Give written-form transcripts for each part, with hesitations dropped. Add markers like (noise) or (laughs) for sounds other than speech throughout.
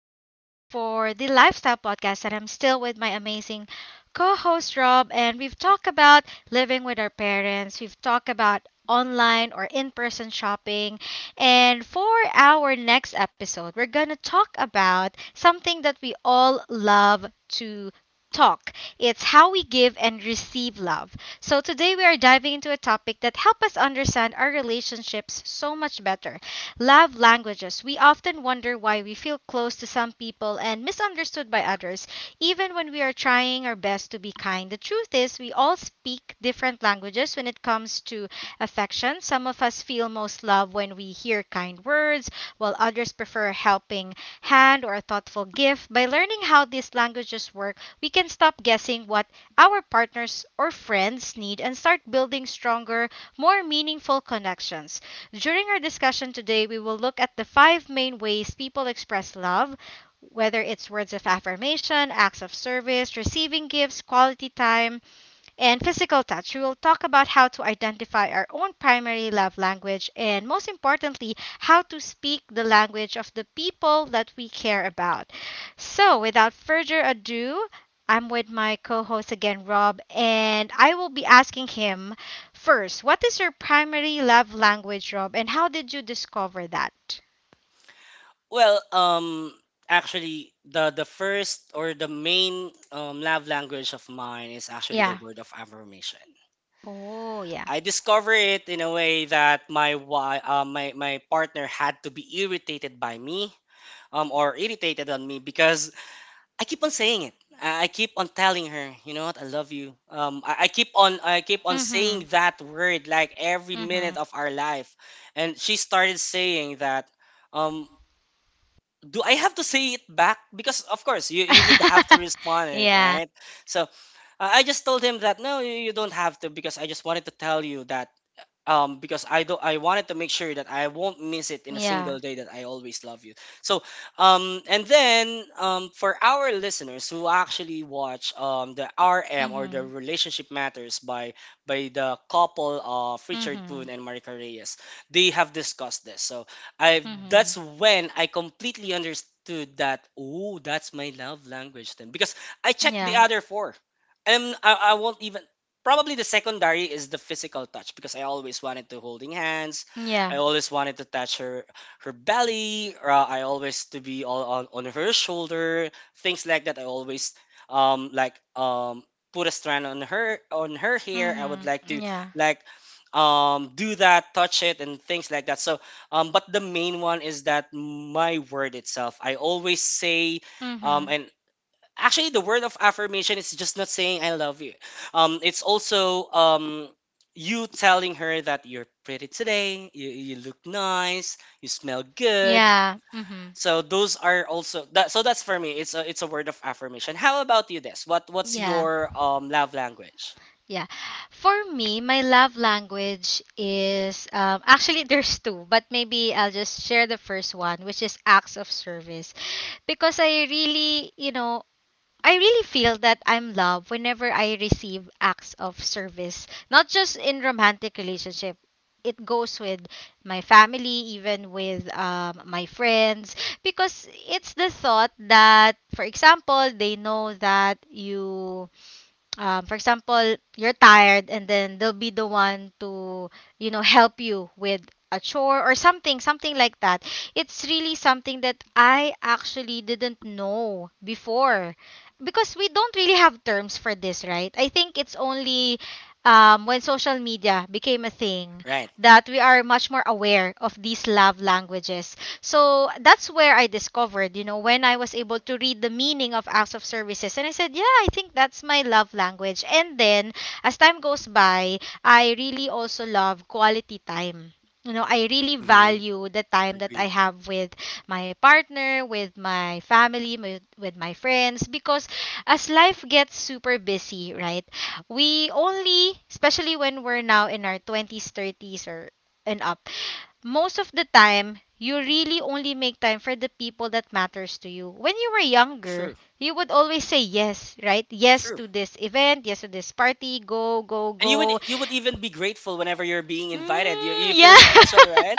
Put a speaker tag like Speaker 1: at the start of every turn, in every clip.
Speaker 1: host for the Lifestyle Podcast, and I'm still with my amazing co host, Rob. And we've talked about living with our parents, we've talked about online or in person shopping. And for our next episode, we're going to talk about something that we all love to talk it's how we give and receive love so today we are diving into a topic that help us understand our relationships so much better. Love languages. We often wonder why we feel close to some people and misunderstood by others, even when we are trying our best to be kind. The truth is, we all speak different languages when it comes to affection. Some of us feel most love when we hear kind words, while others prefer a helping hand or a thoughtful gift. By learning how these languages work, we can stop guessing what our partners or friends need and start building stronger, more meaningful connections. During our discussion today, we will look at the five main ways people express love, whether it's words of affirmation, acts of service, receiving gifts, quality time, and physical touch. We will talk about how to identify our own primary love language and, most importantly, how to speak the language of the people that we care about. So, without further ado, I'm with my co host again, Rob, and I will be asking him first, what is your primary love language, Rob, and how did you discover that?
Speaker 2: Well, um, Actually, the first or the main love language of mine is actually the
Speaker 1: Yeah.
Speaker 2: word of affirmation.
Speaker 1: Oh, yeah.
Speaker 2: I discover it in a way that my wi- my my partner had to be irritated by me, or irritated on me because I keep on saying it. I keep on telling her, you know what, I love you. I keep on
Speaker 1: Mm-hmm.
Speaker 2: saying that word like every
Speaker 1: Mm-hmm.
Speaker 2: minute of our life, and she started saying that. Um, do I have to say it back? Because of course you would have to
Speaker 1: (laughs)
Speaker 2: respond it,
Speaker 1: Yeah.
Speaker 2: right? So I just told him that no, you don't have to because I just wanted to tell you that because I wanted to make sure that I won't miss it in a single
Speaker 1: Yeah.
Speaker 2: day that I always love you. So and then for our listeners who actually watch the RM or the
Speaker 1: Mm-hmm.
Speaker 2: Relationship Matters by the couple of Richard Boone
Speaker 1: Mm-hmm.
Speaker 2: and Marika Reyes, they have discussed this. So I
Speaker 1: Mm-hmm.
Speaker 2: that's when I completely understood that, oh, that's my love language then, because I checked the
Speaker 1: Yeah.
Speaker 2: other four. And I won't even — probably the secondary is the physical touch because I always wanted to holding hands. I
Speaker 1: Yeah.
Speaker 2: always wanted to touch her belly. Or I always to be all on her shoulder, things like that. I always um like um put a strand on her hair. I would
Speaker 1: Mhm.
Speaker 2: like to
Speaker 1: Yeah.
Speaker 2: like do that, touch it, and things like that. So, but the main one is that my word itself. I always say.
Speaker 1: Mhm.
Speaker 2: And Actually, the word of affirmation is just not saying I love you. It's also you telling her that you're pretty today, you look nice, you smell good.
Speaker 1: Yeah. Mhm.
Speaker 2: So those are also that. So that's for me. It's a word of affirmation. How about you, Des? What's
Speaker 1: Yeah.
Speaker 2: your love language?
Speaker 1: Yeah. For me, my love language is actually there's two, but maybe I'll just share the first one, which is acts of service, because I really, you know, I really feel that I'm loved whenever I receive acts of service, not just in romantic relationship. It goes with my family, even with my friends, because it's the thought that, for example, they know that you for example, you're tired, and then they'll be the one to, you know, help you with a chore or something, something like that. It's really something that I actually didn't know before because we don't really have terms for this, right? I think it's only when social media became a thing
Speaker 2: Right.
Speaker 1: that we are much more aware of these love languages. So that's where I discovered, you know, when I was able to read the meaning of acts of services. And I said, yeah, I think that's my love language. And then as time goes by, I really also love quality time. You know, I really
Speaker 2: Mm-hmm.
Speaker 1: value the time that I
Speaker 2: Agreed.
Speaker 1: have with my partner, with my family, with my friends, because as life gets super busy, right? We only, especially when we're now in our 20s, 30s, or and up, most of the time you really only make time for the people that matters to you when you were younger
Speaker 2: True.
Speaker 1: you would always say yes right yes
Speaker 2: True.
Speaker 1: to this event yes to this party go go
Speaker 2: And you would
Speaker 1: go
Speaker 2: you would even be grateful whenever you're being invited. You you feel
Speaker 1: yeah (laughs)
Speaker 2: special, right?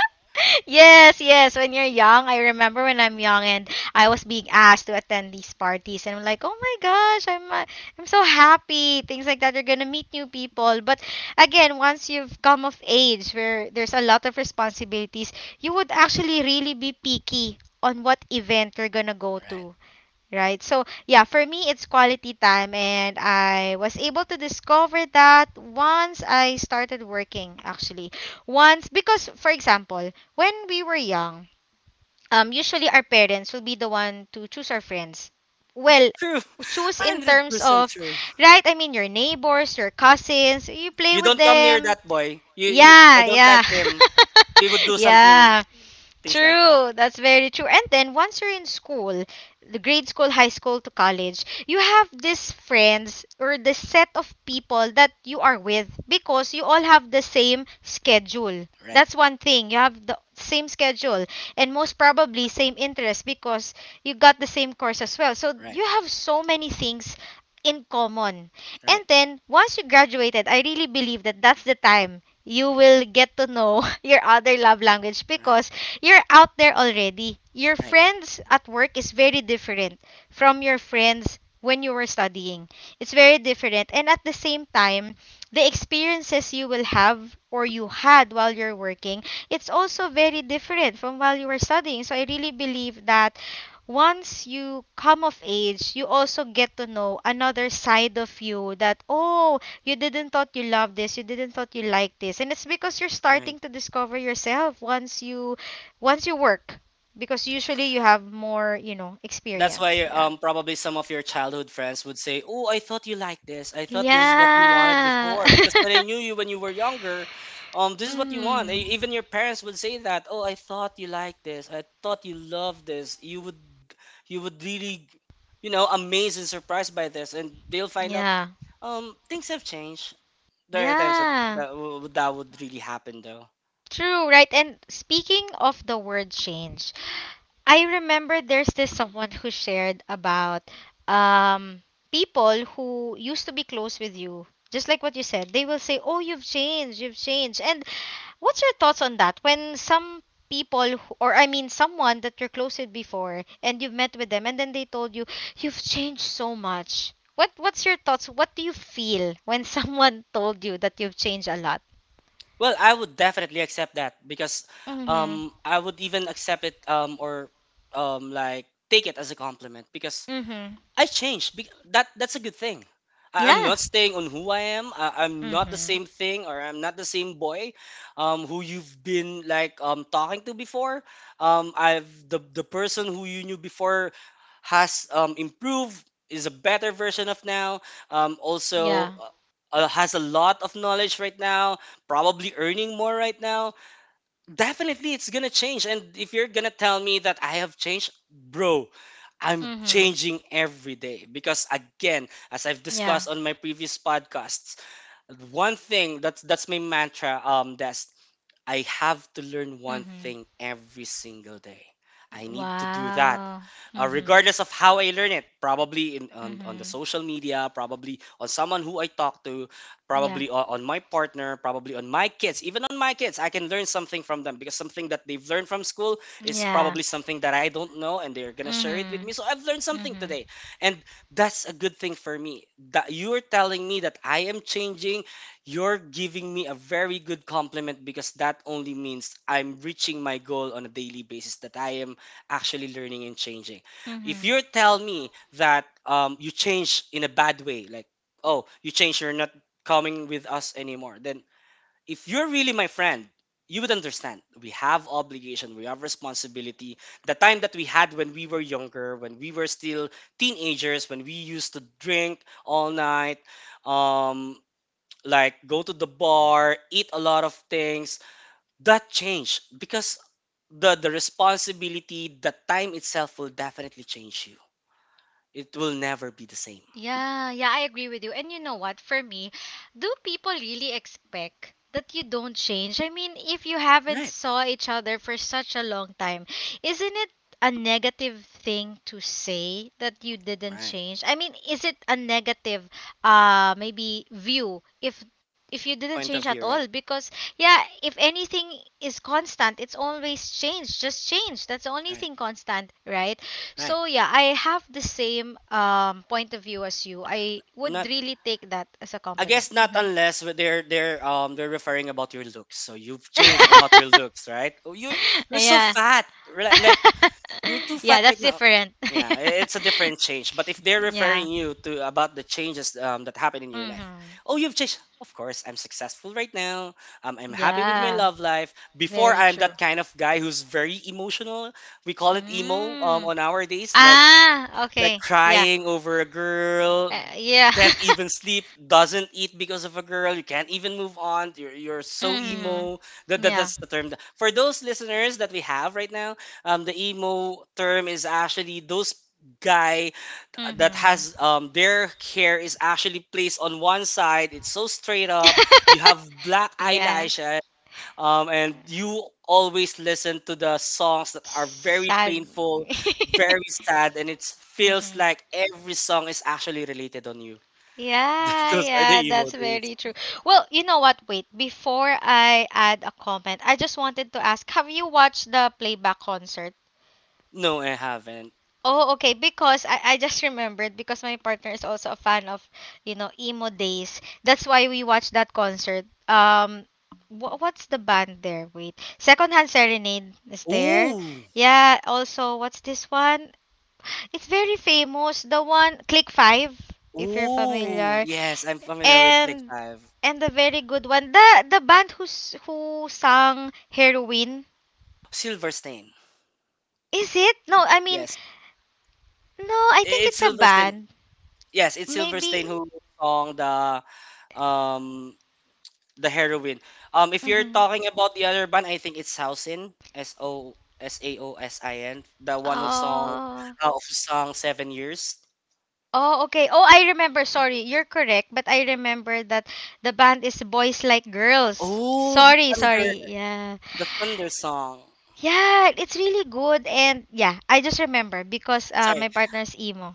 Speaker 1: yes, yes. When you're young, I remember when I'm young and I was being asked to attend these parties, and I'm like, oh my gosh, I'm so happy. Things like that. You're gonna meet new people, but again, once you've come of age, where there's a lot of responsibilities, you would actually really be picky on what event you're gonna go
Speaker 2: Right.
Speaker 1: to. Right. So, yeah, for me, it's quality time. And I was able to discover that once I started working, actually. Once, because, for example, when we were young, usually our parents will be the one to choose our friends. Well,
Speaker 2: True.
Speaker 1: choose in
Speaker 2: Hundred
Speaker 1: terms
Speaker 2: percent
Speaker 1: of,
Speaker 2: true.
Speaker 1: right? I mean, your neighbors, your cousins, you play
Speaker 2: You
Speaker 1: with
Speaker 2: don't come near
Speaker 1: them.
Speaker 2: that boy. You I
Speaker 1: Yeah,
Speaker 2: don't like
Speaker 1: yeah.
Speaker 2: him. He would
Speaker 1: (laughs)
Speaker 2: do something,
Speaker 1: Yeah.
Speaker 2: things like that.
Speaker 1: True, that's very true. And then once you're in school, the grade school, high school to college, you have these friends or the set of people that you are with because you all have the same schedule.
Speaker 2: Right.
Speaker 1: That's one thing. You have the same schedule and most probably same interest because you got the same course as well. So
Speaker 2: Right.
Speaker 1: you have so many things in common. And
Speaker 2: Right.
Speaker 1: then once you graduated, I really believe that that's the time you will get to know (laughs) your other love language
Speaker 2: Right.
Speaker 1: because you're out there already. Your
Speaker 2: Right.
Speaker 1: friends at work is very different from your friends when you were studying. It's very different. And at the same time, the experiences you will have or you had while you're working, it's also very different from while you were studying. So I really believe that once you come of age, you also get to know another side of you that, oh, you didn't thought you loved this, you didn't thought you liked this. And it's because you're
Speaker 2: Right.
Speaker 1: starting to discover yourself once you work because usually you have more you know
Speaker 2: That's
Speaker 1: experience
Speaker 2: why
Speaker 1: yeah
Speaker 2: probably some of your childhood friends would say, "Oh, I thought you liked this. I thought this is what you wanted
Speaker 1: yeah
Speaker 2: before because when I knew you when you were younger,
Speaker 1: (laughs)
Speaker 2: this is what you want."
Speaker 1: mm,
Speaker 2: Even your parents would say that, "Oh, I thought you liked this. I thought you loved this. You would really, amazed and surprised by this." And they'll find out
Speaker 1: yeah
Speaker 2: things have changed. There are times that
Speaker 1: yeah
Speaker 2: that, w- that would really happen though.
Speaker 1: true right and speaking of the word change I remember there's this someone who shared about um people who used to be close with you just like what you said they will say oh you've changed and What's your thoughts on that? When some people, who- or I mean, someone that you're close with before, and you've met with them, and then they told you you've changed so much. What's your thoughts? What do you feel when someone (laughs) told you that you've changed a lot?
Speaker 2: Well, I would definitely accept that because
Speaker 1: Mhm.
Speaker 2: I would even accept it, or like take it as a compliment because
Speaker 1: Mhm.
Speaker 2: I changed. That's a good thing. I'm
Speaker 1: Yeah.
Speaker 2: not staying on who I am. I'm not the
Speaker 1: Mhm.
Speaker 2: same thing, or I'm not the same boy, who you've been talking to before. I've the person who you knew before has improved, is a better version of now. Also.
Speaker 1: Yeah.
Speaker 2: Has a lot of knowledge right now, probably earning more right now. Definitely it's gonna change, and if you're gonna tell me that I have changed, bro, I'm
Speaker 1: Mhm.
Speaker 2: changing every day, because again, as I've
Speaker 1: Yeah.
Speaker 2: discussed on my previous podcasts, one thing that's my mantra, that's I have to learn one
Speaker 1: Mhm.
Speaker 2: thing every single day. I need to do that,
Speaker 1: Wow. Mhm.
Speaker 2: regardless of how I learn it. Probably on the
Speaker 1: Mhm.
Speaker 2: social media, probably on someone who I talk to,
Speaker 1: Yeah.
Speaker 2: probably on my partner, probably on my kids. Even on my kids, I can learn something from them because something that they've learned from school is
Speaker 1: Yeah.
Speaker 2: probably something that I don't know, and they're gonna share it with
Speaker 1: Mhm.
Speaker 2: me. So I've learned something
Speaker 1: Mhm.
Speaker 2: today, and that's a good thing for me. That you're telling me that I am changing, you're giving me a very good compliment, because that only means I'm reaching my goal on a daily basis, that I am actually learning and changing. If
Speaker 1: Mhm.
Speaker 2: you tell me that, you change in a bad way, like, oh, you change, you're not coming with us anymore, then if you're really my friend, you would understand. We have obligation, we have responsibility. The time that we had when we were younger, when we were still teenagers, when we used to drink all night, um like go to the bar, eat a lot of things, that change because the responsibility, the time itself will definitely change you. It will never be the same.
Speaker 1: Yeah, yeah, I agree with you. And you know what? For me, do people really expect that you don't change? I mean, if you haven't
Speaker 2: Right,
Speaker 1: saw each other for such a long time, isn't it a negative thing to say that you didn't
Speaker 2: right.
Speaker 1: change? I mean, is it a negative maybe view if you didn't change
Speaker 2: Point of
Speaker 1: at
Speaker 2: view,
Speaker 1: all
Speaker 2: right,
Speaker 1: because yeah if anything is constant it's always change just change that's the only
Speaker 2: right,
Speaker 1: thing constant right
Speaker 2: right.
Speaker 1: so yeah, I have the same point of view as you. I would
Speaker 2: Not,
Speaker 1: really take that as a
Speaker 2: I
Speaker 1: compliment.
Speaker 2: guess not, unless they're referring about your looks. So you've changed about your
Speaker 1: (laughs)
Speaker 2: looks, right? Oh, you're so
Speaker 1: Yeah.
Speaker 2: fat, right? You're too
Speaker 1: (laughs)
Speaker 2: fat
Speaker 1: Yeah,
Speaker 2: right
Speaker 1: that's
Speaker 2: now.
Speaker 1: different.
Speaker 2: Yeah, it's a
Speaker 1: (laughs)
Speaker 2: different change. But if they're
Speaker 1: Yeah.
Speaker 2: referring you to about the changes that happened in your life,
Speaker 1: Mhm.
Speaker 2: oh, you've changed. Of course, I'm successful right now. I'm happy with my
Speaker 1: Yeah,
Speaker 2: love life. Before,
Speaker 1: very
Speaker 2: I'm
Speaker 1: true.
Speaker 2: that kind of guy who's very emotional. We call it emo,
Speaker 1: Mm.
Speaker 2: on our days, like
Speaker 1: Ah, okay. Yeah.
Speaker 2: crying over a girl,
Speaker 1: Yeah.
Speaker 2: can't
Speaker 1: (laughs)
Speaker 2: even sleep, doesn't eat because of a girl, you can't even move on, you're so
Speaker 1: Mhm.
Speaker 2: emo. That, that
Speaker 1: Yeah.
Speaker 2: that's the term. For those listeners that we have right now, the emo term is actually those guy that
Speaker 1: Mhm.
Speaker 2: has their hair is actually placed on one side. It's so straight up. You have black
Speaker 1: Yeah.
Speaker 2: eyelashes, and you always listen to the songs that are very
Speaker 1: Sad.
Speaker 2: painful, very sad, and it feels
Speaker 1: Mhm.
Speaker 2: like every song is actually related on you. (laughs)
Speaker 1: Yeah,
Speaker 2: Those are the
Speaker 1: yeah,
Speaker 2: emo
Speaker 1: that's
Speaker 2: days.
Speaker 1: very true. Well, you know what? Wait, before I add a comment, I just wanted to ask, have you watched the playback concert?
Speaker 2: No, I haven't.
Speaker 1: Oh, okay, because I just (laughs) remembered because my partner is also a fan of, you know, emo days. That's why we watched that concert. Wh- what's the band there? Wait. Secondhand Serenade is there.
Speaker 2: Ooh,
Speaker 1: Yeah, also what's this one? It's very famous, the one Click 5 if you're
Speaker 2: ooh,
Speaker 1: familiar.
Speaker 2: yes, I'm familiar with Click
Speaker 1: and
Speaker 2: Five.
Speaker 1: and a very good one. The band who's who sang Heroin.
Speaker 2: Silverstein.
Speaker 1: Is it? No, I mean
Speaker 2: Yes,
Speaker 1: no, I think
Speaker 2: it's
Speaker 1: it's a
Speaker 2: Silverstein.
Speaker 1: band.
Speaker 2: Yes, it's Silverstein
Speaker 1: Maybe
Speaker 2: who song um the heroine. If you're
Speaker 1: mm.
Speaker 2: talking about the other band, I think it's Sausin. Sosaosin. The one
Speaker 1: Oh.
Speaker 2: who sung Seven Years.
Speaker 1: Oh, okay. Oh, I remember. Sorry. You're correct, but I remember that the band is Boys Like Girls.
Speaker 2: Oh,
Speaker 1: Sorry, sorry. Yeah.
Speaker 2: the thunder song.
Speaker 1: Yeah, it's really good and yeah, I just remember because
Speaker 2: Sorry,
Speaker 1: my partner's emo.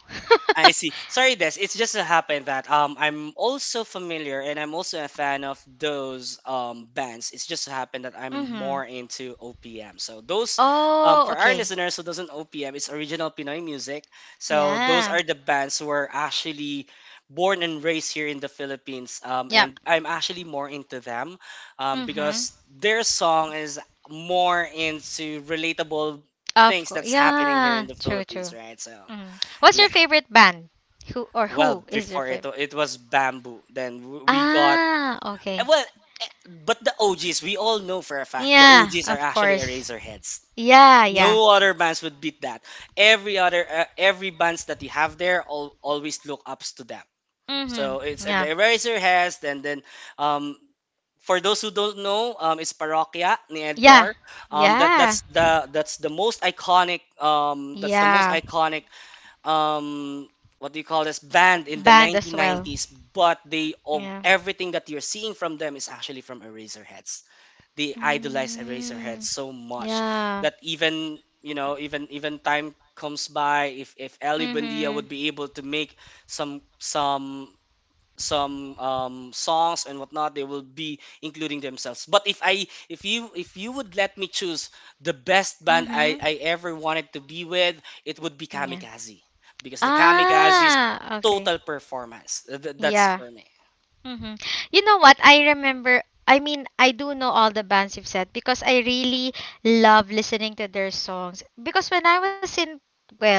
Speaker 2: I see. Sorry, Des. It's just so happened that I'm also familiar and I'm also a fan of those bands. It's just so happened that I'm
Speaker 1: Mhm.
Speaker 2: more into OPM. So those
Speaker 1: Oh,
Speaker 2: For our
Speaker 1: okay.
Speaker 2: listeners who doesn't OPM, it's original Pinoy music. So those
Speaker 1: Yeah.
Speaker 2: are the bands who are actually born and raised here in the Philippines.
Speaker 1: Yep.
Speaker 2: And I'm actually more into them
Speaker 1: Mhm.
Speaker 2: because their song is more into relatable
Speaker 1: Of
Speaker 2: things
Speaker 1: course.
Speaker 2: that's happening here in
Speaker 1: Yeah.
Speaker 2: the
Speaker 1: True,
Speaker 2: Philippines,
Speaker 1: true.
Speaker 2: right? So
Speaker 1: Mm. What's your
Speaker 2: yeah.
Speaker 1: favorite band? Who or
Speaker 2: Well,
Speaker 1: who is your
Speaker 2: before it,
Speaker 1: favorite?
Speaker 2: it was bamboo. Then
Speaker 1: Ah, okay.
Speaker 2: well, but the OGs, we all know for a fact the
Speaker 1: Yeah,
Speaker 2: OGs are
Speaker 1: of
Speaker 2: actually
Speaker 1: course.
Speaker 2: eraser heads.
Speaker 1: Yeah, yeah.
Speaker 2: No other bands would beat that. Every bands that you have there always look ups to them.
Speaker 1: Mm-hmm.
Speaker 2: So it's,
Speaker 1: Yeah.
Speaker 2: the eraser heads. Then um for those who don't know, it's Parokya ni
Speaker 1: Yeah.
Speaker 2: Edgar. That
Speaker 1: Yeah.
Speaker 2: that's the most iconic that's the
Speaker 1: Yeah.
Speaker 2: most iconic, um what do you call this band, in the
Speaker 1: Band as well.
Speaker 2: 1990s, but they — of
Speaker 1: Yeah.
Speaker 2: everything that you're seeing from them is actually from Eraserheads. They idolize Eraserheads
Speaker 1: Mm.
Speaker 2: so much
Speaker 1: Yeah.
Speaker 2: that even, even time comes by, if Ellie Buendia
Speaker 1: Mm-hmm.
Speaker 2: would be able to make some some some songs and whatnot, they will be including themselves. But if you would let me choose the best band i
Speaker 1: Mm-hmm.
Speaker 2: i ever wanted to be with, it would be
Speaker 1: Yeah.
Speaker 2: Kamikaze, because the Kamikaze's
Speaker 1: Ah, okay.
Speaker 2: total performance, that's
Speaker 1: Yeah.
Speaker 2: for me.
Speaker 1: Hmm. You know what? I remember. I mean, I do know all the bands you've said because I really love listening to their songs. Because when I was in, well,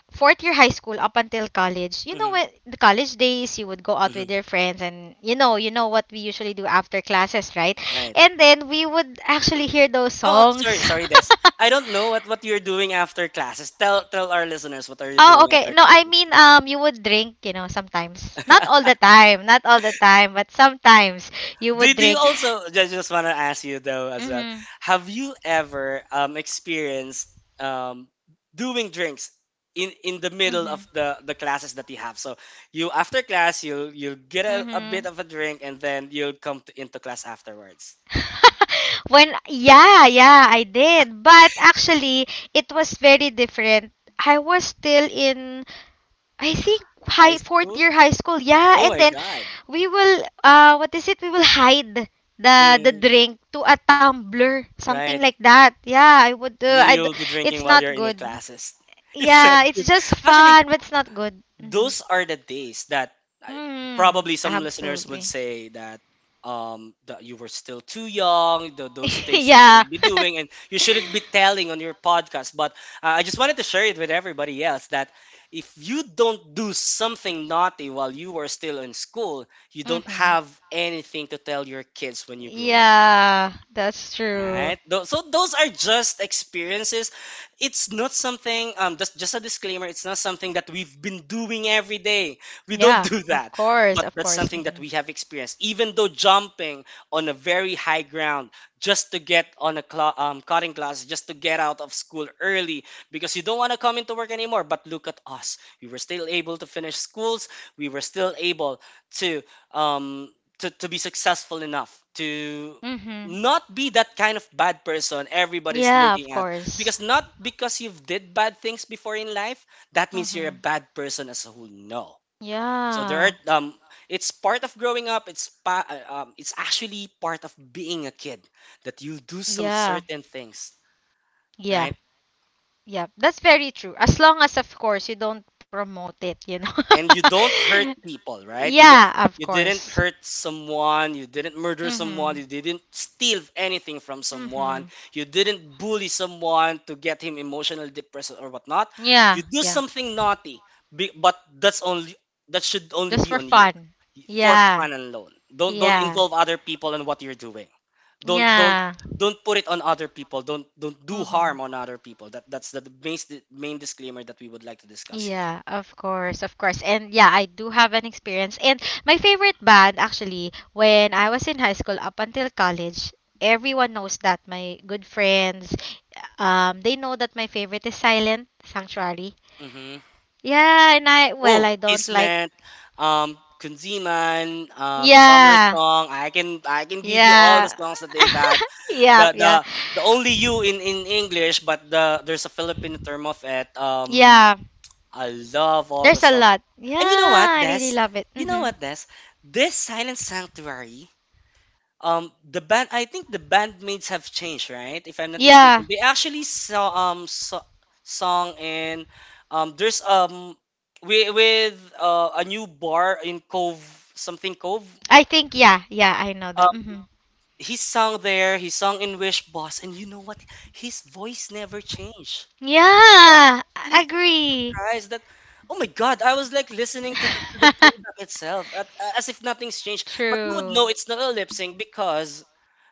Speaker 1: fourth year high school up until college, you know, when
Speaker 2: Hmm,
Speaker 1: the college days, you would go out with
Speaker 2: hmm.
Speaker 1: your friends and, you know what we usually do after classes, right?
Speaker 2: Right.
Speaker 1: And then we would actually hear those
Speaker 2: Oh, sorry
Speaker 1: songs.
Speaker 2: sorry
Speaker 1: (laughs)
Speaker 2: Des, I don't know what you're doing after classes. Tell our listeners, what are you
Speaker 1: Oh,
Speaker 2: doing
Speaker 1: okay.
Speaker 2: after
Speaker 1: No, I
Speaker 2: classes?
Speaker 1: mean, you would drink, you know, sometimes. Not
Speaker 2: (laughs)
Speaker 1: all the time, not all the time, but sometimes you
Speaker 2: Do,
Speaker 1: would
Speaker 2: do you
Speaker 1: drink.
Speaker 2: also just want to ask you though as well?
Speaker 1: Mm-hmm.
Speaker 2: Have you ever experienced um doing drinks in the middle of the classes that you have? So you after class, you'll get a
Speaker 1: Mm-hmm.
Speaker 2: bit of a drink and then you'll come into class afterwards.
Speaker 1: (laughs) When, yeah, yeah, I did. But actually, it was very different. I was still in, I think,
Speaker 2: High
Speaker 1: high fourth
Speaker 2: school?
Speaker 1: year high school. Yeah,
Speaker 2: Oh
Speaker 1: and
Speaker 2: my
Speaker 1: then
Speaker 2: god.
Speaker 1: we will, what is it? We will hide the
Speaker 2: Mm,
Speaker 1: drink to a tumbler, something
Speaker 2: right.
Speaker 1: like that. Yeah, I would.
Speaker 2: You'll be drinking
Speaker 1: It's
Speaker 2: while
Speaker 1: not
Speaker 2: you're in the
Speaker 1: good.
Speaker 2: classes. (laughs) It's not
Speaker 1: Yeah, it's
Speaker 2: good.
Speaker 1: just
Speaker 2: Actually,
Speaker 1: fun, but it's not good. Mm-hmm.
Speaker 2: those are the days that I,
Speaker 1: Mm,
Speaker 2: probably some listeners would
Speaker 1: absolutely.
Speaker 2: say that that you were still too young, those things you
Speaker 1: (laughs) Yeah.
Speaker 2: shouldn't be doing and you shouldn't be telling on your podcast. But I just wanted to share it with everybody else that if you don't do something naughty while you were still in school, you don't
Speaker 1: Mm-hmm.
Speaker 2: have anything to tell your kids when you grow up.
Speaker 1: Yeah, that's true.
Speaker 2: Right. So those are just experiences. It's not something. Just a disclaimer. It's not something that we've been doing every day. We don't (laughs)
Speaker 1: Yeah,
Speaker 2: do
Speaker 1: of
Speaker 2: that.
Speaker 1: course,
Speaker 2: But
Speaker 1: of
Speaker 2: that's
Speaker 1: course.
Speaker 2: something that
Speaker 1: Hmm.
Speaker 2: we have experienced. Even though jumping on a very high ground just to get on a cla cutting class, just to get out of school early because you don't want to come into work anymore. But look at us. We were still able to finish schools. We were still able to um to be successful enough to
Speaker 1: Hmm.
Speaker 2: not be that kind of bad person everybody's
Speaker 1: Yeah, of
Speaker 2: looking at
Speaker 1: course.
Speaker 2: because not because you've did bad things before in life, that means you're a
Speaker 1: Hmm.
Speaker 2: bad person as a whole. No, so there are,
Speaker 1: Yeah,
Speaker 2: it's part of growing up. It's actually part of being a kid, that you do some
Speaker 1: yeah,
Speaker 2: certain things,
Speaker 1: yeah,
Speaker 2: right?
Speaker 1: yeah. That's very true. As long as, of course, you don't promote it, you
Speaker 2: And you don't
Speaker 1: know.
Speaker 2: hurt people,
Speaker 1: (laughs)
Speaker 2: right?
Speaker 1: Yeah, of
Speaker 2: You didn't
Speaker 1: course.
Speaker 2: hurt someone, you didn't murder
Speaker 1: Mm-hmm.
Speaker 2: someone, you didn't steal anything from
Speaker 1: Mm-hmm.
Speaker 2: someone, you didn't bully someone to get him emotionally depressed or whatnot.
Speaker 1: Yeah,
Speaker 2: You do
Speaker 1: yeah.
Speaker 2: something naughty, but that's only, that should only
Speaker 1: Just
Speaker 2: be
Speaker 1: for
Speaker 2: on you,
Speaker 1: fun.
Speaker 2: for
Speaker 1: Yeah,
Speaker 2: fun and alone. Don't
Speaker 1: yeah,
Speaker 2: involve other people in what you're doing. Don't don't
Speaker 1: yeah.
Speaker 2: don't put it on other people. Don't do
Speaker 1: Mm-hmm.
Speaker 2: harm on other people. That's the main disclaimer that we would like to discuss here.
Speaker 1: Yeah, of course, of course. And yeah, I do have an experience. And my favorite band, actually, when I was in high school up until college, everyone knows that. My good friends, they know that my favorite is Silent Sanctuary.
Speaker 2: Mhm.
Speaker 1: Yeah, and I, well,
Speaker 2: Oh,
Speaker 1: I don't like,
Speaker 2: Kismet, Kunziman, Summer
Speaker 1: yeah,
Speaker 2: Song. I can give you all the
Speaker 1: yeah,
Speaker 2: songs that they've had.
Speaker 1: yeah,
Speaker 2: The
Speaker 1: yeah,
Speaker 2: the the only you in English, but there's a Filipino term of it.
Speaker 1: yeah.
Speaker 2: I love all the
Speaker 1: There's a
Speaker 2: songs.
Speaker 1: lot. Yeah,
Speaker 2: And you know what,
Speaker 1: I
Speaker 2: Des?
Speaker 1: really love it.
Speaker 2: You know
Speaker 1: Mm-hmm.
Speaker 2: what, Des? This Silent Sanctuary, the band, I think the bandmates have changed, right? If I'm not
Speaker 1: Yeah,
Speaker 2: mistaken, they actually saw song in there's with a new bar in Cove, something Cove.
Speaker 1: I think, yeah, yeah, I know
Speaker 2: Um,
Speaker 1: that. Mm-hmm.
Speaker 2: he sung there. He sung in Wish Boss, and you know what? His voice never changed.
Speaker 1: Yeah,
Speaker 2: I was actually
Speaker 1: I
Speaker 2: so
Speaker 1: agree.
Speaker 2: surprised that. Oh my God! I was like listening to the
Speaker 1: (laughs)
Speaker 2: playback itself, at, as if nothing's changed. But you would
Speaker 1: True.
Speaker 2: know it's not a lip sync because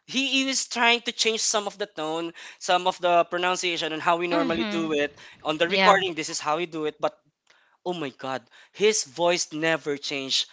Speaker 2: he is trying to change some of the tone, some of the pronunciation, and how we normally
Speaker 1: Mhm.
Speaker 2: do it on the
Speaker 1: Yeah.
Speaker 2: recording. This is how we do it, but oh my god, his voice never changed.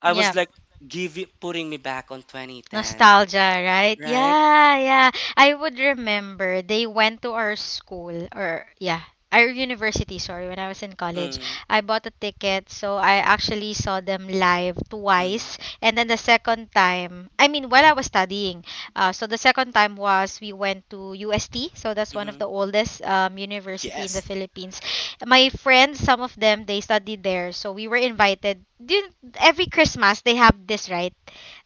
Speaker 2: I
Speaker 1: Yeah.
Speaker 2: was like, give it, putting me back on 2010,
Speaker 1: Nostalgia, right?
Speaker 2: right?
Speaker 1: Yeah, yeah. I would remember they went to our school or yeah, our university, sorry, when I was in college.
Speaker 2: Mm,
Speaker 1: I bought a ticket, so I actually saw them live
Speaker 2: mm,
Speaker 1: twice. And then the second time, I mean, while I was studying. So the second time was we went to UST, so that's one of
Speaker 2: mm-hmm.
Speaker 1: the oldest university in the
Speaker 2: Yes.
Speaker 1: Philippines. My friends, some of them, they studied there, so we were invited. Every Christmas, they have this, right?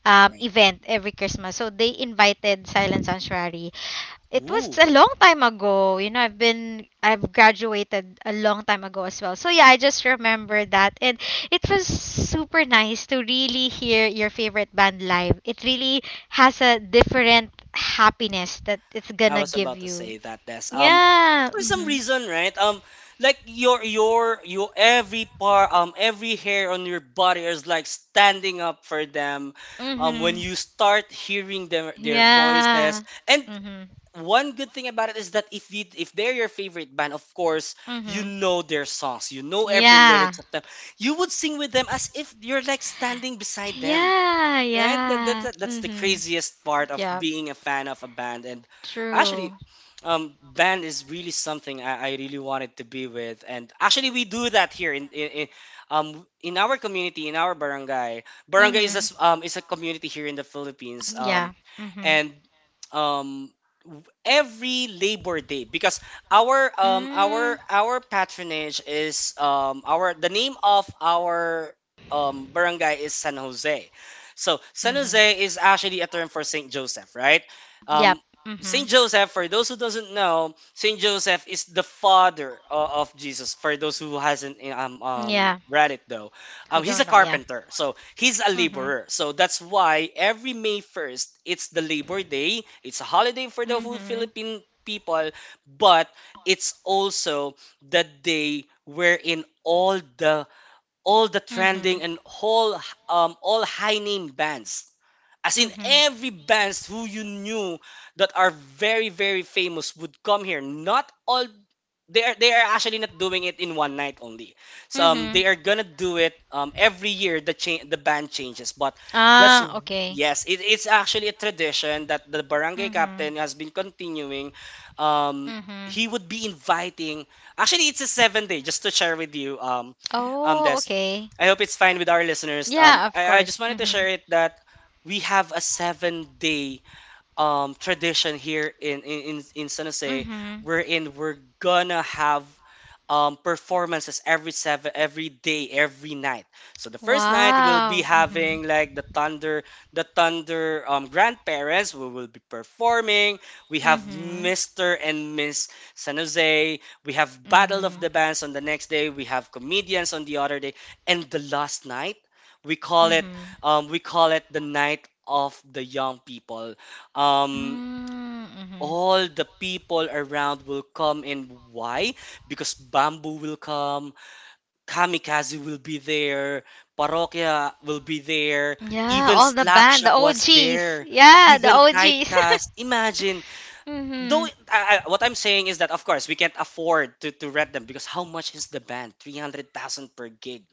Speaker 2: Right.
Speaker 1: Event every Christmas. So they invited Silent Sanctuary. It was
Speaker 2: Ooh.
Speaker 1: a long time ago. You know, I've graduated a long time ago as well. So yeah, I just remember that and it was super nice to really hear your favorite band live. It really has a different happiness that it's
Speaker 2: I
Speaker 1: gonna
Speaker 2: was
Speaker 1: give
Speaker 2: about to
Speaker 1: you.
Speaker 2: say that, Des.
Speaker 1: Yeah.
Speaker 2: For some
Speaker 1: Mhm.
Speaker 2: reason, right? Like your every part, every hair on your body is like standing up for them. When
Speaker 1: Mhm.
Speaker 2: you start hearing their voices,
Speaker 1: Yeah.
Speaker 2: and
Speaker 1: Mhm.
Speaker 2: one good thing about it is that if they're your favorite band, of course you
Speaker 1: Mhm.
Speaker 2: know their songs, you know every
Speaker 1: Yeah.
Speaker 2: lyrics of them. You would sing with them as if you're like standing beside them,
Speaker 1: Yeah,
Speaker 2: right? that, that,
Speaker 1: yeah.
Speaker 2: that that's the
Speaker 1: Mhm.
Speaker 2: craziest part of
Speaker 1: Yeah.
Speaker 2: being a fan of a band, and actually,
Speaker 1: True.
Speaker 2: band is really something I really wanted to be with. And actually we do that here in our community, in our barangay. Barangay is a
Speaker 1: Mm-hmm.
Speaker 2: is a community here in the Philippines.
Speaker 1: Yeah. Mm-hmm.
Speaker 2: And um every Labor Day, because
Speaker 1: Mm-hmm.
Speaker 2: our patronage is, our, the name of our barangay is San Jose. So San
Speaker 1: Mm-hmm.
Speaker 2: Jose is actually a term for Saint Joseph, right?
Speaker 1: Yep.
Speaker 2: Um,
Speaker 1: Mm-hmm.
Speaker 2: Saint Joseph, for those who doesn't know, Saint Joseph is the father of Jesus. For those who hasn't
Speaker 1: Yeah.
Speaker 2: read it though,
Speaker 1: Who don't know?
Speaker 2: he's a
Speaker 1: Yeah.
Speaker 2: carpenter, so he's a
Speaker 1: Mm-hmm.
Speaker 2: laborer. So that's why every May 1st, it's the Labor Day. It's a holiday for the whole
Speaker 1: Mm-hmm.
Speaker 2: Philippine people, but it's also the day wherein all the, all the
Speaker 1: Mm-hmm.
Speaker 2: trending and whole, all high name bands, as in
Speaker 1: Mm-hmm.
Speaker 2: every bands who you knew, that are very very famous, would come here. Not all, they are, they are actually not doing it in one night only. So
Speaker 1: Mm-hmm.
Speaker 2: they are gonna do it, every year. The band changes, but that's
Speaker 1: Ah, okay.
Speaker 2: yes, it's actually a tradition that the barangay
Speaker 1: Mm-hmm.
Speaker 2: captain has been continuing. Um,
Speaker 1: Mm-hmm.
Speaker 2: he would be inviting. Actually, it's a 7 day. Just to share with you,
Speaker 1: Oh,
Speaker 2: Des,
Speaker 1: okay.
Speaker 2: I hope it's fine with our listeners.
Speaker 1: Yeah, of
Speaker 2: I just
Speaker 1: course.
Speaker 2: wanted to share
Speaker 1: Mm-hmm.
Speaker 2: it that we have a 7 day tradition here in San Jose,
Speaker 1: Mm-hmm.
Speaker 2: wherein we're gonna have performances every seven, every day, every night. So the first night we'll be
Speaker 1: Wow. Mm-hmm.
Speaker 2: having like the thunder, the thunder, grandparents who will be performing. We have
Speaker 1: Mm-hmm.
Speaker 2: Mr and Miss San Jose, we have battle of
Speaker 1: Mm-hmm.
Speaker 2: the bands on the next day, we have comedians on the other day, and the last night, we call it,
Speaker 1: Mm-hmm.
Speaker 2: we call it the night of the young people. um
Speaker 1: Mm-hmm.
Speaker 2: all the people around will come in. Why? Because Bamboo will come, Kamikaze will be there, Parokya will be there,
Speaker 1: Yeah,
Speaker 2: even
Speaker 1: all the band,
Speaker 2: Slapshot
Speaker 1: the
Speaker 2: was
Speaker 1: OGs.
Speaker 2: there,
Speaker 1: Yeah, the
Speaker 2: even
Speaker 1: OGs. (laughs)
Speaker 2: Typecast. Imagine. Though
Speaker 1: Mm-hmm.
Speaker 2: what I'm saying is that of course we can't afford to rent them. Because how much is the band? 300,000 per gig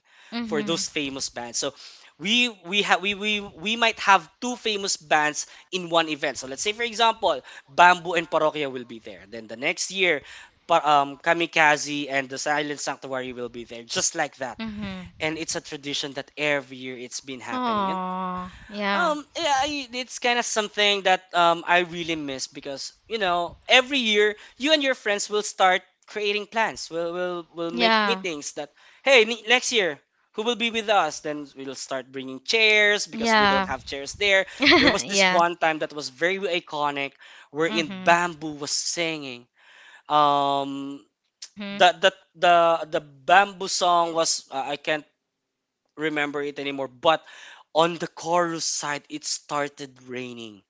Speaker 2: for
Speaker 1: Mm-hmm.
Speaker 2: those famous bands. So we might have two famous bands in one event. So let's say for example, Bamboo and Parokya will be there. Then the next year, Kamikaze and the Silent Sanctuary will be there, just like that.
Speaker 1: Mm-hmm.
Speaker 2: And it's a tradition that every year it's been happening.
Speaker 1: Oh yeah,
Speaker 2: Yeah, it's kind of something that I really miss, because you know every year you and your friends will start creating plans. We'll will make
Speaker 1: yeah,
Speaker 2: meetings that, hey, next year, who will be with us? Then we'll start bringing chairs because we
Speaker 1: yeah,
Speaker 2: don't have chairs there. There
Speaker 1: (laughs)
Speaker 2: was this
Speaker 1: yeah.
Speaker 2: one time that was very iconic, wherein
Speaker 1: Mhm,
Speaker 2: Bamboo was singing. Um,
Speaker 1: mhm,
Speaker 2: the the the the Bamboo song was I can't remember it anymore. But on the chorus side, it started raining.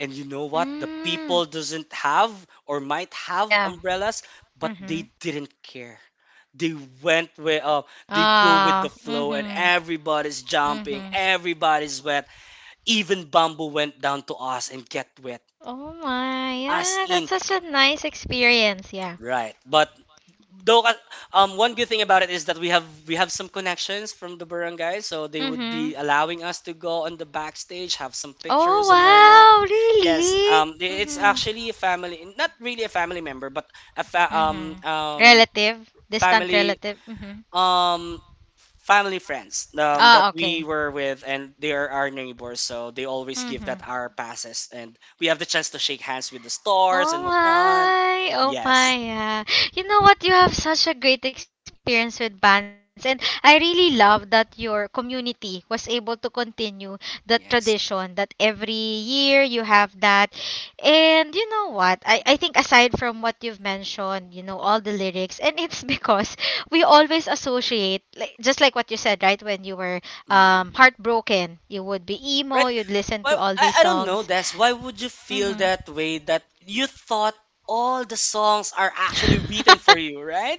Speaker 2: And you know what? The
Speaker 1: mm,
Speaker 2: people doesn't have, or might have
Speaker 1: yeah,
Speaker 2: umbrellas, but
Speaker 1: mhm.
Speaker 2: they didn't care. They went with they go with the
Speaker 1: Ah,
Speaker 2: flow, and
Speaker 1: mhm,
Speaker 2: everybody's jumping,
Speaker 1: mhm.
Speaker 2: everybody's wet. Even Bamboo went down to us and get wet.
Speaker 1: Oh my,
Speaker 2: Us
Speaker 1: yeah,
Speaker 2: in,
Speaker 1: that's such a nice experience. Yeah.
Speaker 2: right, but though one good thing about it is that we have some connections from the barangay, so they would be
Speaker 1: Mhm.
Speaker 2: allowing us to go on the backstage, have some
Speaker 1: Oh
Speaker 2: pictures and whatnot.
Speaker 1: wow,
Speaker 2: Yes,
Speaker 1: really?
Speaker 2: it's
Speaker 1: Mhm,
Speaker 2: actually a family, not really a family member, but a fa- um
Speaker 1: mhm.
Speaker 2: um
Speaker 1: Relative, distant
Speaker 2: family,
Speaker 1: relative. Mhm.
Speaker 2: um family friends
Speaker 1: Ah,
Speaker 2: that we
Speaker 1: okay.
Speaker 2: were with, and they are our neighbors, so they always give
Speaker 1: Mhm.
Speaker 2: that our passes and we have the chance to shake hands with the stars
Speaker 1: Oh
Speaker 2: and whatnot.
Speaker 1: my, oh
Speaker 2: Yes.
Speaker 1: my, yeah. You know what? You have such a great experience with bands, and I really love that your community was able to continue that
Speaker 2: Yes.
Speaker 1: tradition that every year you have that. And you know what? I think aside from what you've mentioned, you know, all the lyrics, and it's (laughs) because we always associate, like, just like what you said, right? When you were
Speaker 2: Mm.
Speaker 1: heartbroken, you would be
Speaker 2: Right.
Speaker 1: emo, you'd listen to
Speaker 2: Well,
Speaker 1: all these
Speaker 2: I don't know,
Speaker 1: songs.
Speaker 2: Des. Why would you feel
Speaker 1: Mm-hmm.
Speaker 2: that way, that you thought all the songs are actually written for you, right?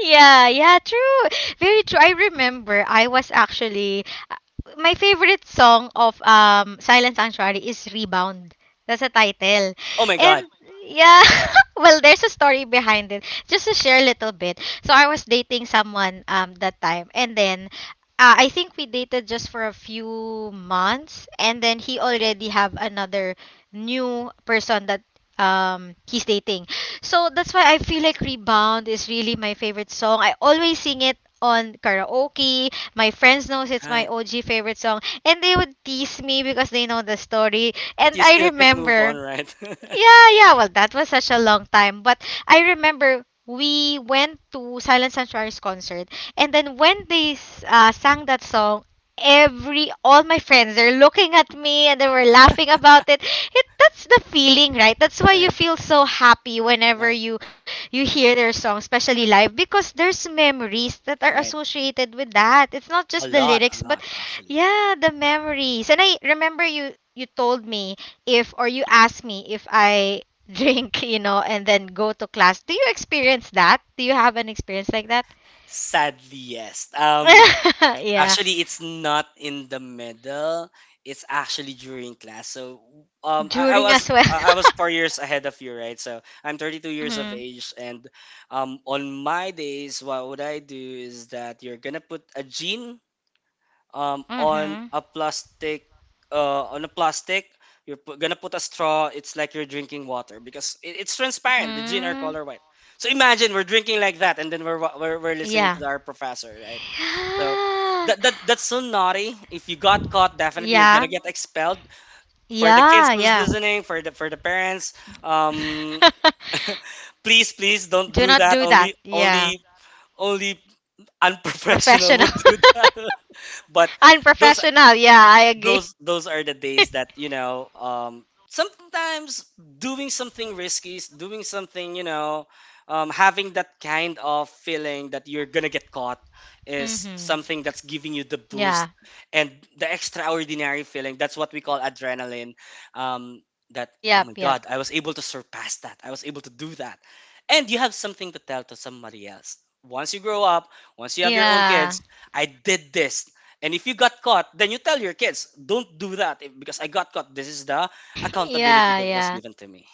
Speaker 1: Yeah, yeah, true. Very true. I remember I was actually uh, my favorite song of Silent Sanctuary is Rebound. That's a title.
Speaker 2: Oh my
Speaker 1: And
Speaker 2: God,
Speaker 1: yeah, (laughs) well there's a story behind it. Just to share a little bit. So I was dating someone that time and then I think we dated just for a few months and then he already have another new person that he's dating. So that's why I feel like Rebound is really my favorite song. I always sing it on karaoke. My friends knows it's my
Speaker 2: right.
Speaker 1: OG favorite song and they would tease me because they know the story.
Speaker 2: But
Speaker 1: And
Speaker 2: you still
Speaker 1: I
Speaker 2: can't move on,
Speaker 1: remember
Speaker 2: right? (laughs)
Speaker 1: yeah, yeah. Well, that was such a long time. But I remember we went to Silent Sanctuary's concert, and then when they sang that song, every all my friends they're looking at me and they were laughing about it. That's the feeling, right? That's why you
Speaker 2: Right,
Speaker 1: feel so happy
Speaker 2: right,
Speaker 1: whenever you hear their song, especially live, because there's memories that are
Speaker 2: right.
Speaker 1: associated with that. It's not just the
Speaker 2: A
Speaker 1: lyrics, but
Speaker 2: lot, actually.
Speaker 1: yeah, the memories. And I remember you told me if or you ask me if I (laughs) drink, and then go to class. Do you experience that? Do you have an experience like that?
Speaker 2: Sadly, yes.
Speaker 1: (laughs) yeah.
Speaker 2: Actually, it's not in the middle. It's actually during class. So, I
Speaker 1: During
Speaker 2: was
Speaker 1: as well.
Speaker 2: I was
Speaker 1: (laughs)
Speaker 2: 4 years ahead of you, right? So I'm 32 years of age,
Speaker 1: mhm.
Speaker 2: and on my days, what would I do is that you're gonna put a jean on a
Speaker 1: Mhm.
Speaker 2: plastic, on a plastic, you're gonna put a straw, it's like you're
Speaker 1: Mm.
Speaker 2: drinking water, because it's transparent, the gin are color white. So
Speaker 1: Yeah.
Speaker 2: imagine we're drinking like that, and then we're we're listening to our professor, right? So
Speaker 1: (gasps)
Speaker 2: that's so naughty. If you got caught, definitely you're
Speaker 1: Yeah.
Speaker 2: gonna get expelled. For the kids
Speaker 1: Yeah.
Speaker 2: who's
Speaker 1: Yeah. Yeah.
Speaker 2: listening, for the parents, um (laughs) please don't
Speaker 1: Do
Speaker 2: do
Speaker 1: not
Speaker 2: that.
Speaker 1: do that.
Speaker 2: only
Speaker 1: Yeah.
Speaker 2: only only unprofessional (laughs)
Speaker 1: Professional.
Speaker 2: would
Speaker 1: (laughs)
Speaker 2: do that. (laughs) But those
Speaker 1: Unprofessional. Yeah, I agree.
Speaker 2: those
Speaker 1: (laughs)
Speaker 2: those are the days that, you know, sometimes doing something risky is doing something, you know, having that kind of feeling that you're gonna get caught,
Speaker 1: mhm.
Speaker 2: is something that's giving you the
Speaker 1: Yeah.
Speaker 2: boost and the extraordinary feeling. That's what we call adrenaline. um, that oh my
Speaker 1: Yep,
Speaker 2: god, I
Speaker 1: yep.
Speaker 2: was able to surpass that, I was able to do that, and you have something to tell to somebody else once you grow up, once you have your own kids.
Speaker 1: Yeah.
Speaker 2: I did this, and if you got caught, then you tell your kids, don't do that, because I got caught. This is the
Speaker 1: (laughs)
Speaker 2: accountability
Speaker 1: Yeah,
Speaker 2: that was
Speaker 1: yeah.
Speaker 2: given to me.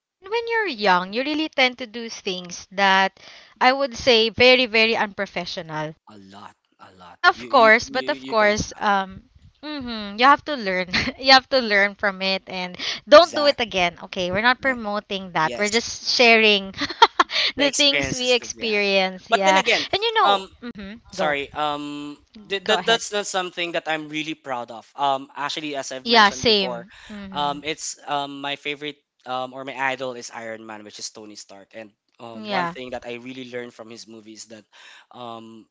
Speaker 1: Yeah, and when you're young, you really tend to do things that I would say very, very unprofessional.
Speaker 2: A lot, a lot.
Speaker 1: But of
Speaker 2: You can
Speaker 1: course,
Speaker 2: count.
Speaker 1: mhm, you have to learn. (laughs) you have to learn from it and don't do it
Speaker 2: Exactly.
Speaker 1: again. Okay, we're not
Speaker 2: Right?
Speaker 1: promoting that. We're
Speaker 2: Yes.
Speaker 1: just sharing (laughs)
Speaker 2: The
Speaker 1: the things we
Speaker 2: experiences that we had.
Speaker 1: experience.
Speaker 2: But then
Speaker 1: Yeah.
Speaker 2: again,
Speaker 1: And you know,
Speaker 2: um
Speaker 1: mm-hmm, go,
Speaker 2: sorry,
Speaker 1: go
Speaker 2: that
Speaker 1: ahead.
Speaker 2: that's not something that I'm really proud of. Actually, as I've
Speaker 1: Yeah,
Speaker 2: mentioned before,
Speaker 1: same. Mm-hmm.
Speaker 2: it's, my favorite, or my idol is Iron Man, which is Tony Stark. And one
Speaker 1: Yeah.
Speaker 2: thing that I really learned from his movie is that, um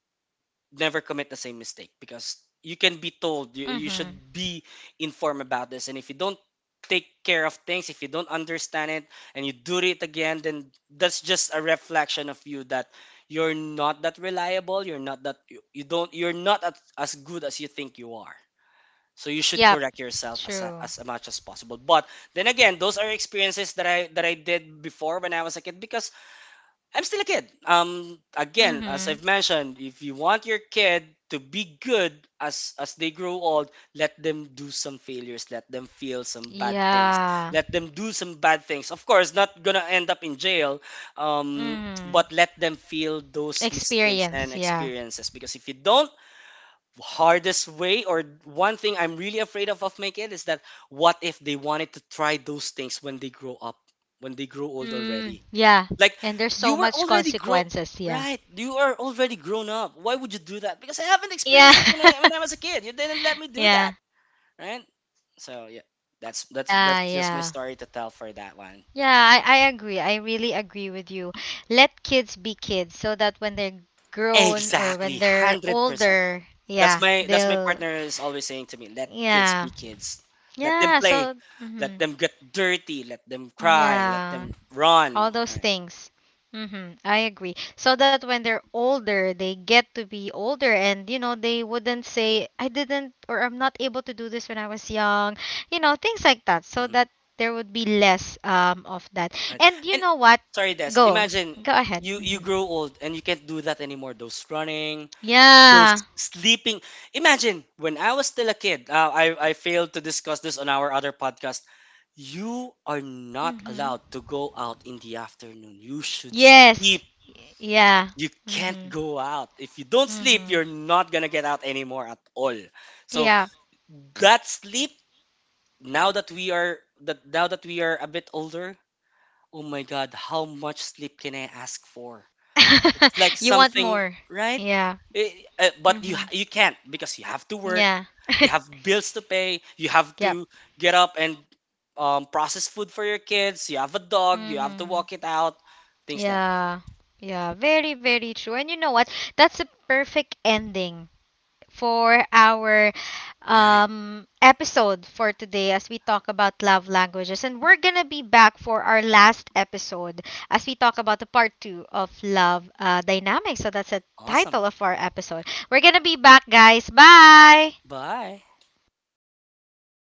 Speaker 2: never commit the same mistake, because you can be told, you should
Speaker 1: Mm-hmm.
Speaker 2: be informed about this, and if you don't take care of things, if you don't understand it, and you do it again, then that's just a reflection of you, that you're not that reliable, you're not that, you don't, you're not as, as good as you think you are. So you should
Speaker 1: Yep,
Speaker 2: correct yourself as,
Speaker 1: true.
Speaker 2: as much as possible. But then again, those are experiences that I did before when I was a kid, because I'm still a kid. Again, as I've
Speaker 1: Mm-hmm.
Speaker 2: mentioned, if you want your kid to be good as they grow old, let them do some failures, let them feel some bad things,
Speaker 1: Yeah.
Speaker 2: let them do some bad things. Of course, not gonna end up in jail.
Speaker 1: Mm-hmm.
Speaker 2: But let them feel those mistakes
Speaker 1: Experience,
Speaker 2: and
Speaker 1: yeah.
Speaker 2: experiences, because if you don't, hardest way, or one thing I'm really afraid of my kid is that, what if they wanted to try those things when they grow up, when they grow old
Speaker 1: Mm,
Speaker 2: already?
Speaker 1: yeah.
Speaker 2: Like,
Speaker 1: And there's so
Speaker 2: you were
Speaker 1: much
Speaker 2: already grown,
Speaker 1: consequences, yeah.
Speaker 2: right? You are already grown up. Why would you do that? Because I haven't
Speaker 1: Yeah.
Speaker 2: experienced it when I
Speaker 1: (laughs)
Speaker 2: when I was a kid. You didn't let me do that,
Speaker 1: Yeah.
Speaker 2: right? So yeah,
Speaker 1: Yeah,
Speaker 2: that's just my
Speaker 1: yeah.
Speaker 2: story to tell for that one.
Speaker 1: Yeah, I agree. I really agree with you. Let kids be kids so that when they're grown or when
Speaker 2: Exactly,
Speaker 1: they're
Speaker 2: 100%.
Speaker 1: older,
Speaker 2: That's
Speaker 1: yeah,
Speaker 2: my,
Speaker 1: they'll
Speaker 2: partner is always saying to me, let kids
Speaker 1: yeah.
Speaker 2: be kids. Let them
Speaker 1: Yeah,
Speaker 2: play.
Speaker 1: so
Speaker 2: Let
Speaker 1: mhm.
Speaker 2: them get dirty. Let them cry. Let
Speaker 1: Yeah.
Speaker 2: them
Speaker 1: All
Speaker 2: run.
Speaker 1: those
Speaker 2: Right.
Speaker 1: things. Mm-hmm, I agree. So that when they're older, they get to be older and, you know, they wouldn't say, I didn't or I'm not able to do this when I was young, things like that. So
Speaker 2: Mm-hmm.
Speaker 1: that there would be less of that.
Speaker 2: Right.
Speaker 1: And you
Speaker 2: And
Speaker 1: know what?
Speaker 2: sorry, Des.
Speaker 1: Go.
Speaker 2: Imagine
Speaker 1: Go ahead. Mhm.
Speaker 2: you grow old and you can't do that anymore. Those running, those
Speaker 1: Yeah.
Speaker 2: sleeping. Imagine when I was still a kid. I failed to discuss this on our other podcast. You are not
Speaker 1: Mm-hmm.
Speaker 2: allowed to go out in the afternoon. You should sleep.
Speaker 1: Yes. Yeah.
Speaker 2: You can't
Speaker 1: Mm-hmm.
Speaker 2: go out. If you don't sleep,
Speaker 1: Mm-hmm.
Speaker 2: you're not gonna get out anymore at all. So
Speaker 1: Yeah.
Speaker 2: that sleep, now that we are that now that we are a bit older, oh my God, how much sleep can I ask for? It's like
Speaker 1: (laughs) You want
Speaker 2: something,
Speaker 1: more.
Speaker 2: right?
Speaker 1: Yeah.
Speaker 2: Eh, but
Speaker 1: Mm-hmm.
Speaker 2: you can't, because you have to work,
Speaker 1: Yeah.
Speaker 2: you have
Speaker 1: (laughs)
Speaker 2: bills to pay, you have
Speaker 1: Yep.
Speaker 2: to get up and, process food for your kids. You have a dog, you have to
Speaker 1: Mm-hmm.
Speaker 2: walk it out, things like
Speaker 1: Yeah. Yeah, very, very true. And you know what? That's a perfect ending for our
Speaker 2: that. Right?
Speaker 1: episode for today as we talk about love languages and we're going to be back for our last episode as we talk about the part 2 of love dynamics. So that's the
Speaker 2: Awesome.
Speaker 1: title of our episode. We're going to be back, guys. Bye.
Speaker 2: Bye.